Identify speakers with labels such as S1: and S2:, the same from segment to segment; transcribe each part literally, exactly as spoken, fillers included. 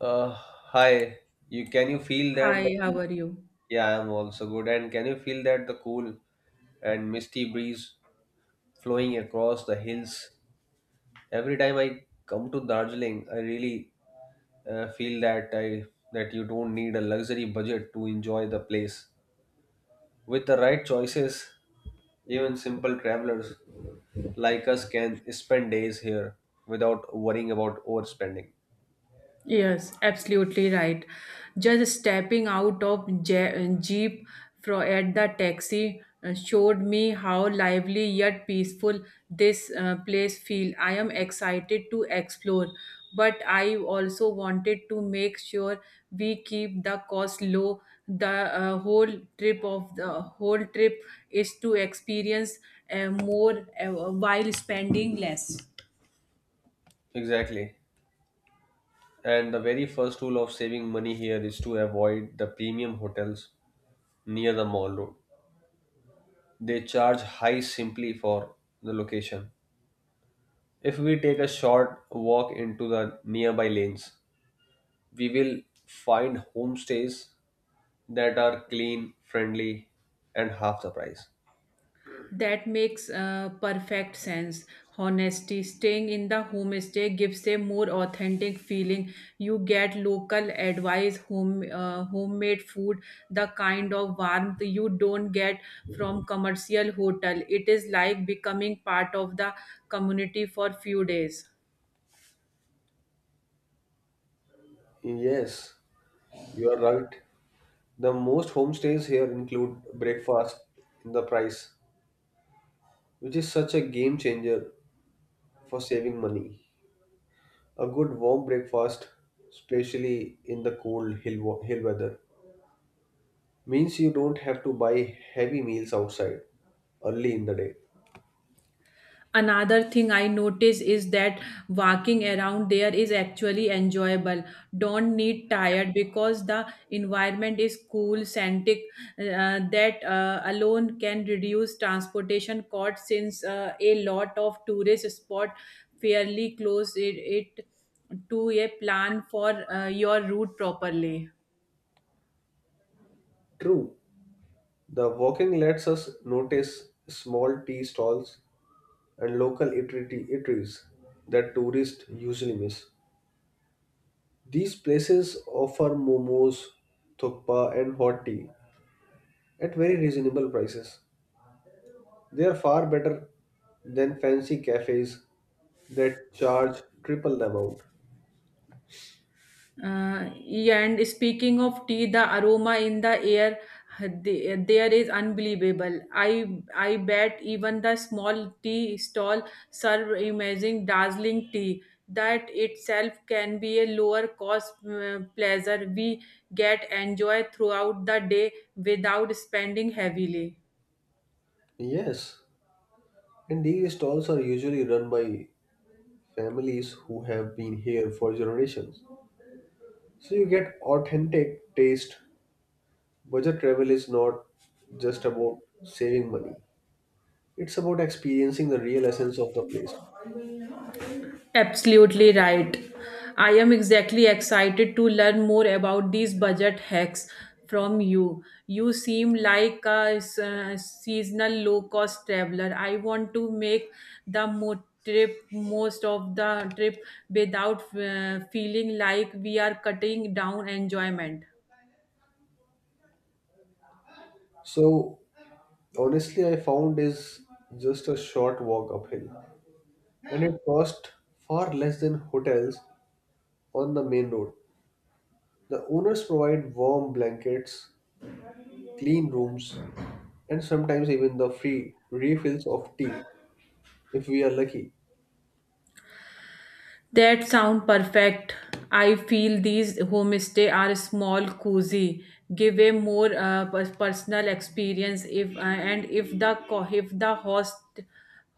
S1: Uh, Hi. You can you feel that the,
S2: Hi, how
S1: cool?
S2: are you?
S1: Yeah, I'm also good. And can you feel that the cool and misty breeze flowing across the hills? Every time I come to Darjeeling, I really uh, feel that I that you don't need a luxury budget to enjoy the place. With the right choices, even simple travelers like us can spend days here without worrying about overspending.
S2: Yes, absolutely right. Just stepping out of Je- Jeep fro at the taxi, uh, showed me how lively yet peaceful this uh, place feel. I am excited to explore, but I also wanted to make sure we keep the cost low. The uh, whole trip of the whole trip is to experience uh, more uh, while spending less.
S1: Exactly. And the very first rule of saving money here is to avoid the premium hotels near the mall road. They charge high simply for the location. If we take a short walk into the nearby lanes, we will find homestays that are clean, friendly, and half the price.
S2: That makes uh, perfect sense. Honesty, staying in the homestay gives a more authentic feeling. You get local advice, home uh, homemade food, the kind of warmth you don't get from commercial hotel. It is like becoming part of the community for few days.
S1: Yes, you are right. The most homestays here include breakfast in the price, which is such a game changer for saving money. A good warm breakfast, especially in the cold hill, wa- hill weather, means you don't have to buy heavy meals outside early in the day.
S2: Another thing I notice is that walking around there is actually enjoyable, don't need tired because the environment is cool scented, uh, that uh, alone can reduce transportation costs, since uh, a lot of tourist spot fairly close it, it to a plan for uh, your route properly.
S1: True, the walking lets us notice small tea stalls and local eatery- eateries that tourists usually miss. These places offer momos, thukpa, and hot tea at very reasonable prices. They are far better than fancy cafes that charge triple the amount.
S2: Uh, yeah, and speaking of tea, the aroma in the air, uh, the- there is unbelievable. I I bet even the small tea stall serve amazing, dazzling tea. That itself can be a lower cost uh, pleasure we get enjoy throughout the day without spending heavily.
S1: Yes, and these stalls are usually run by families who have been here for generations. So you get authentic taste. Budget travel is not just about saving money, it's about experiencing the real essence of the place.
S2: Absolutely right. I am exactly excited to learn more about these budget hacks from you. You seem like a s- uh, seasonal low cost traveler. I want to make the mo- trip most of the trip without uh, feeling like we are cutting down enjoyment.
S1: So honestly, I found is just a short walk uphill, and it cost far less than hotels on the main road. The owners provide warm blankets, clean rooms, and sometimes even the free refills of tea, if we are lucky.
S2: That sound perfect. I feel these homestay are small, cozy, give a more uh, pers- personal experience. If uh, and if the co- if the host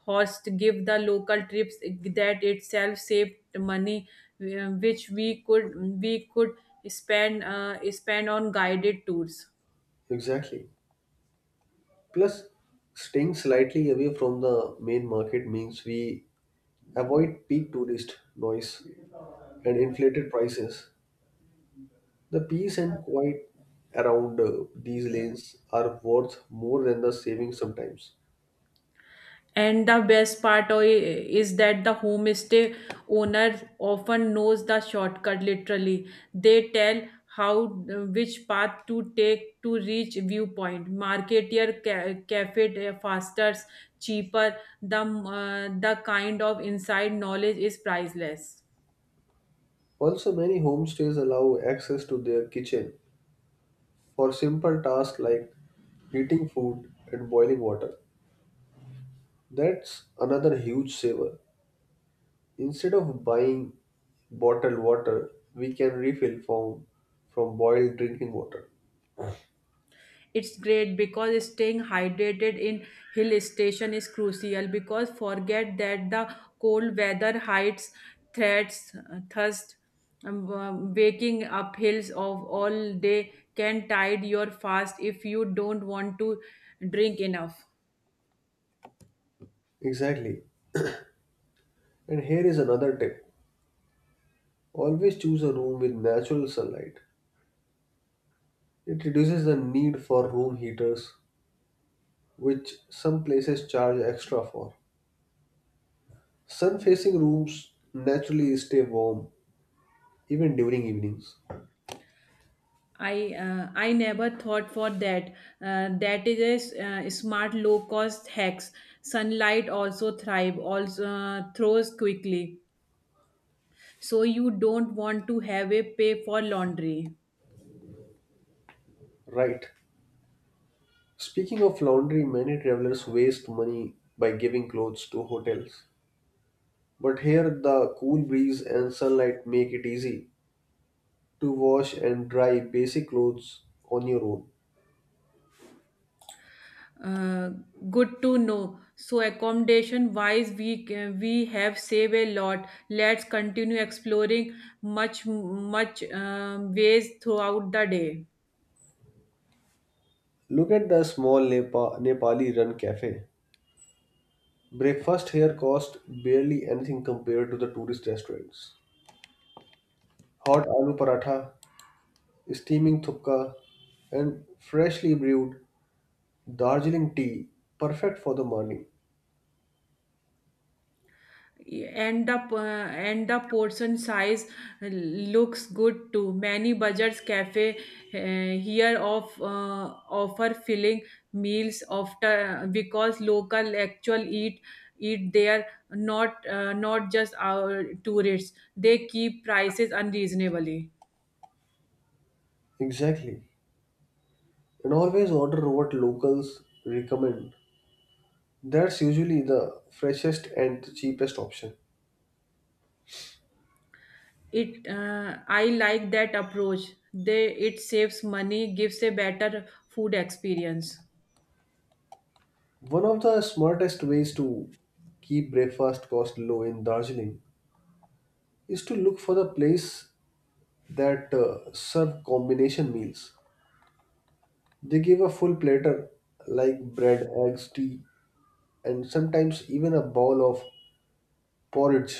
S2: host give the local trips, that itself saved money, uh, which we could we could spend uh, spend on guided tours.
S1: Exactly. Plus, staying slightly away from the main market means we avoid peak tourist noise and inflated prices. The peace and quiet around uh, these lanes are worth more than the savings sometimes.
S2: And the best part o- is that the homestay owner often knows the shortcut literally. They tell how which path to take to reach viewpoint. Market ca- cafe uh, faster, cheaper. The, uh, the kind of inside knowledge is priceless.
S1: Also, many homestays allow access to their kitchen for simple tasks like heating food and boiling water. That's another huge saver. Instead of buying bottled water, we can refill from, from boiled drinking water.
S2: It's great because staying hydrated in hill station is crucial, because forget that the cold weather hides threats, thirst. Um, uh, waking up hills of all day can tide your fast if you don't want to drink enough.
S1: Exactly. And here is another tip, always choose a room with natural sunlight. It reduces the need for room heaters, which some places charge extra for. Sun facing rooms naturally stay warm even during evenings.
S2: I uh, i never thought for that, uh, that is a s- uh, smart low cost hacks. Sunlight also thrive, also uh, throws quickly. So you don't want to have a pay for laundry.
S1: Right. Speaking of laundry, many travelers waste money by giving clothes to hotels. But here the cool breeze and sunlight make it easy to wash and dry basic clothes on your own.
S2: Uh, good to know. So accommodation wise, we ca- we have saved a lot. Let's continue exploring much much um, ways throughout the day.
S1: Look at the small Nepa- Nepali run cafe. Breakfast here cost barely anything compared to the tourist restaurants. Hot aloo paratha, steaming thukka, and freshly brewed Darjeeling tea, perfect for the morning.
S2: And the uh, and the portion size looks good. Too many budget cafe uh, here of uh, offer filling meals, after because local actual eat eat there, not uh, not just our tourists. They keep prices unreasonably.
S1: Exactly. And always order what locals recommend. That's usually the freshest and the cheapest option.
S2: It uh, i like that approach, they it saves money, gives a better food experience.
S1: One of the smartest ways to keep breakfast cost low in Darjeeling is to look for the place that uh, serve combination meals. They give a full platter like bread, eggs, tea, and sometimes even a bowl of porridge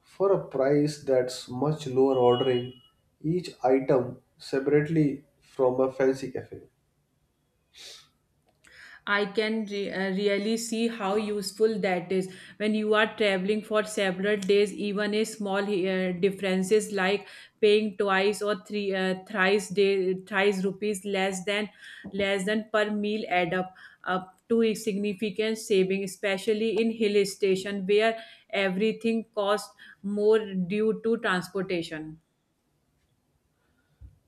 S1: for a price that's much lower ordering each item separately from a fancy cafe.
S2: I can re- uh, really see how useful that is when you are traveling for several days. Even a small uh, differences, like paying twice or three uh, thrice day thrice rupees less than less than per meal, add up up to a significant saving, especially in hill station where everything costs more due to transportation.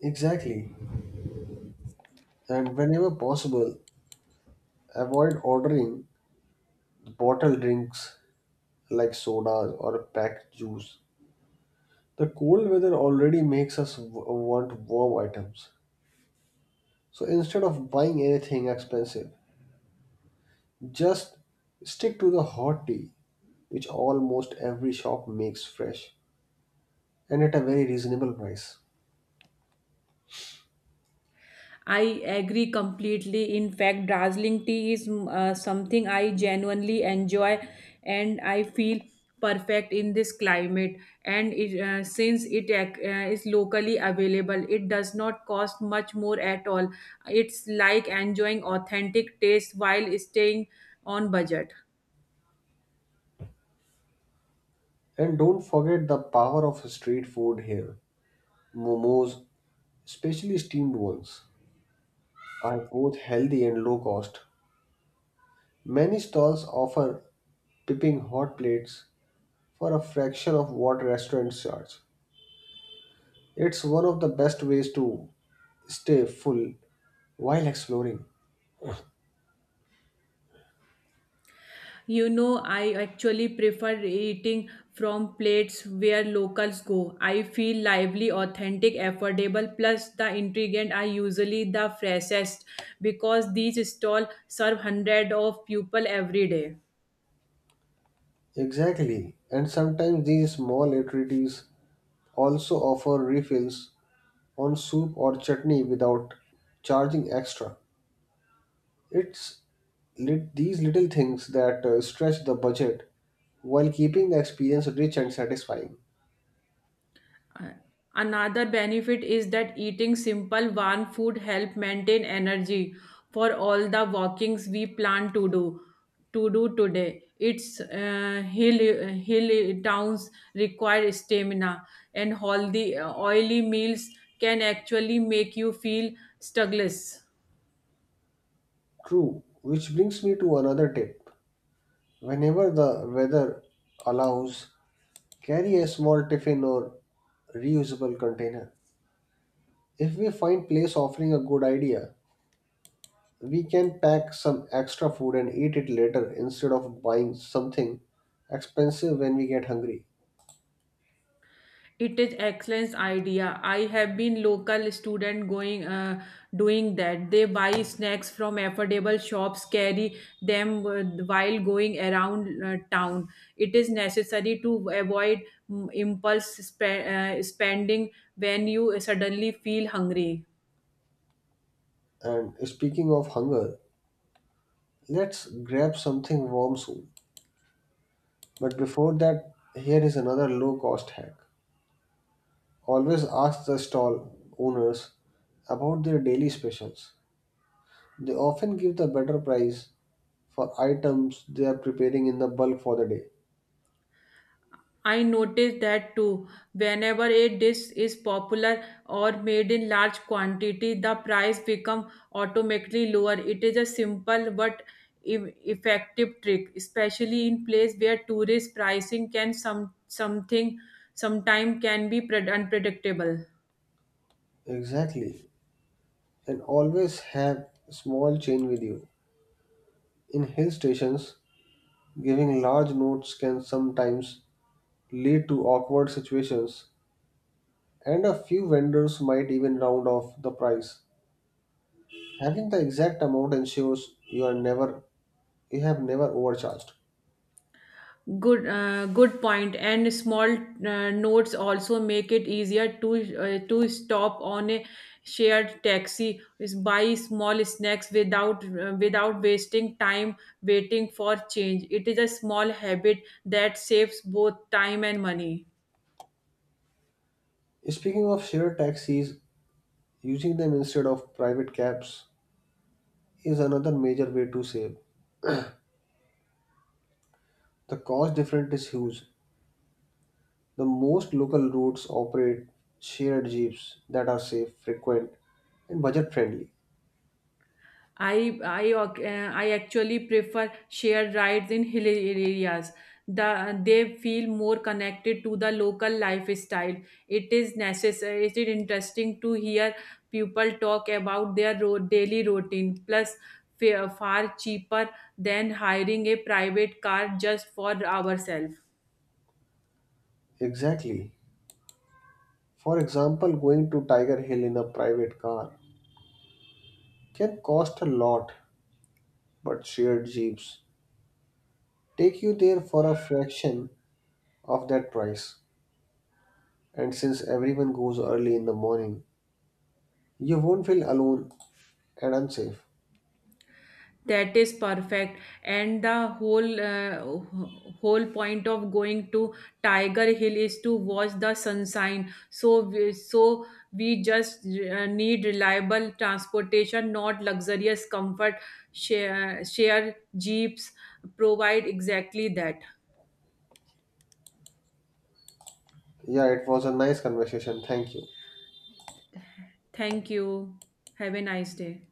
S1: Exactly. And whenever possible, avoid ordering bottled drinks like sodas or packed juice. The cold weather already makes us w- want warm items. So instead of buying anything expensive, just stick to the hot tea, which almost every shop makes fresh and at a very reasonable price.
S2: I agree completely. In fact, dazzling tea is mm, uh, something I genuinely enjoy, and I feel perfect in this climate. And it, uh, since it ac- uh, is locally available, it does not cost much more at all. It's like enjoying authentic taste while staying on budget.
S1: And don't forget the power of street food here. Momos, especially steamed ones, are both healthy and low cost. Many stalls offer pipping hot plates for a fraction of what restaurants charge. It's one of the best ways to stay full while exploring.
S2: You know, I actually prefer eating from plates where locals go. I feel lively, authentic, affordable, plus the ingredients are usually the freshest because these stalls serve hundreds of people every day.
S1: Exactly, and sometimes these small eateries also offer refills on soup or chutney without charging extra. It's lit- these little things that uh, stretch the budget while keeping the experience rich and satisfying.
S2: Uh, Another benefit is that eating simple warm food help maintain energy for all the walkings we plan to do to do today. Its uh, hill hill towns require stamina, and all the oily meals can actually make you feel sluggish.
S1: True, which brings me to another tip. Whenever the weather allows, carry a small tiffin or reusable container. If we find place offering a good idea, we can pack some extra food and eat it later instead of buying something expensive when we get hungry.
S2: It is excellent idea. I have been local student going, uh, doing that. They buy snacks from affordable shops, carry them uh, while going around uh, town. It is necessary to avoid mm, impulse spe- uh, spending when you suddenly feel hungry.
S1: And speaking of hunger, let's grab something warm soon. But before that, here is another low cost hack. Always ask the stall owners about their daily specials. They often give the better price for items they are preparing in the bulk for the day.
S2: I noticed that too. Whenever a dish is popular or made in large quantity, the price become automatically lower. It is a simple but e- effective trick, especially in place where tourist pricing can some something sometime can be pred- unpredictable.
S1: Exactly. And always have small change with you. In hill stations, giving large notes can sometimes lead to awkward situations, and a few vendors might even round off the price. Having the exact amount ensures you are never you have never overcharged.
S2: Good, uh, good point. And small uh, notes also make it easier to uh, to stop on a shared taxi is buy small snacks without uh, without wasting time waiting for change. It is a small habit that saves both time and money.
S1: Speaking of shared taxis, using them instead of private cabs is another major way to save. The cost difference is huge. The most local routes operate shared jeeps that are safe, frequent, and budget friendly.
S2: I I ac- uh, I actually prefer shared rides in hilly areas. The they feel more connected to the local lifestyle. It is necessary. It is interesting to hear people talk about their road, daily routine. Plus, fa- far cheaper than hiring a private car just for ourselves.
S1: Exactly. For example, going to Tiger Hill in a private car can cost a lot, but shared jeeps take you there for a fraction of that price. And since everyone goes early in the morning, you won't feel alone and unsafe.
S2: That is perfect. And the whole uh, wh- whole point of going to Tiger Hill is to watch the sunshine. So we, so we just uh, need reliable transportation, not luxurious comfort. Share, share jeeps provide exactly that.
S1: Yeah, it was a nice conversation. Thank you.
S2: Thank you. Have a nice day.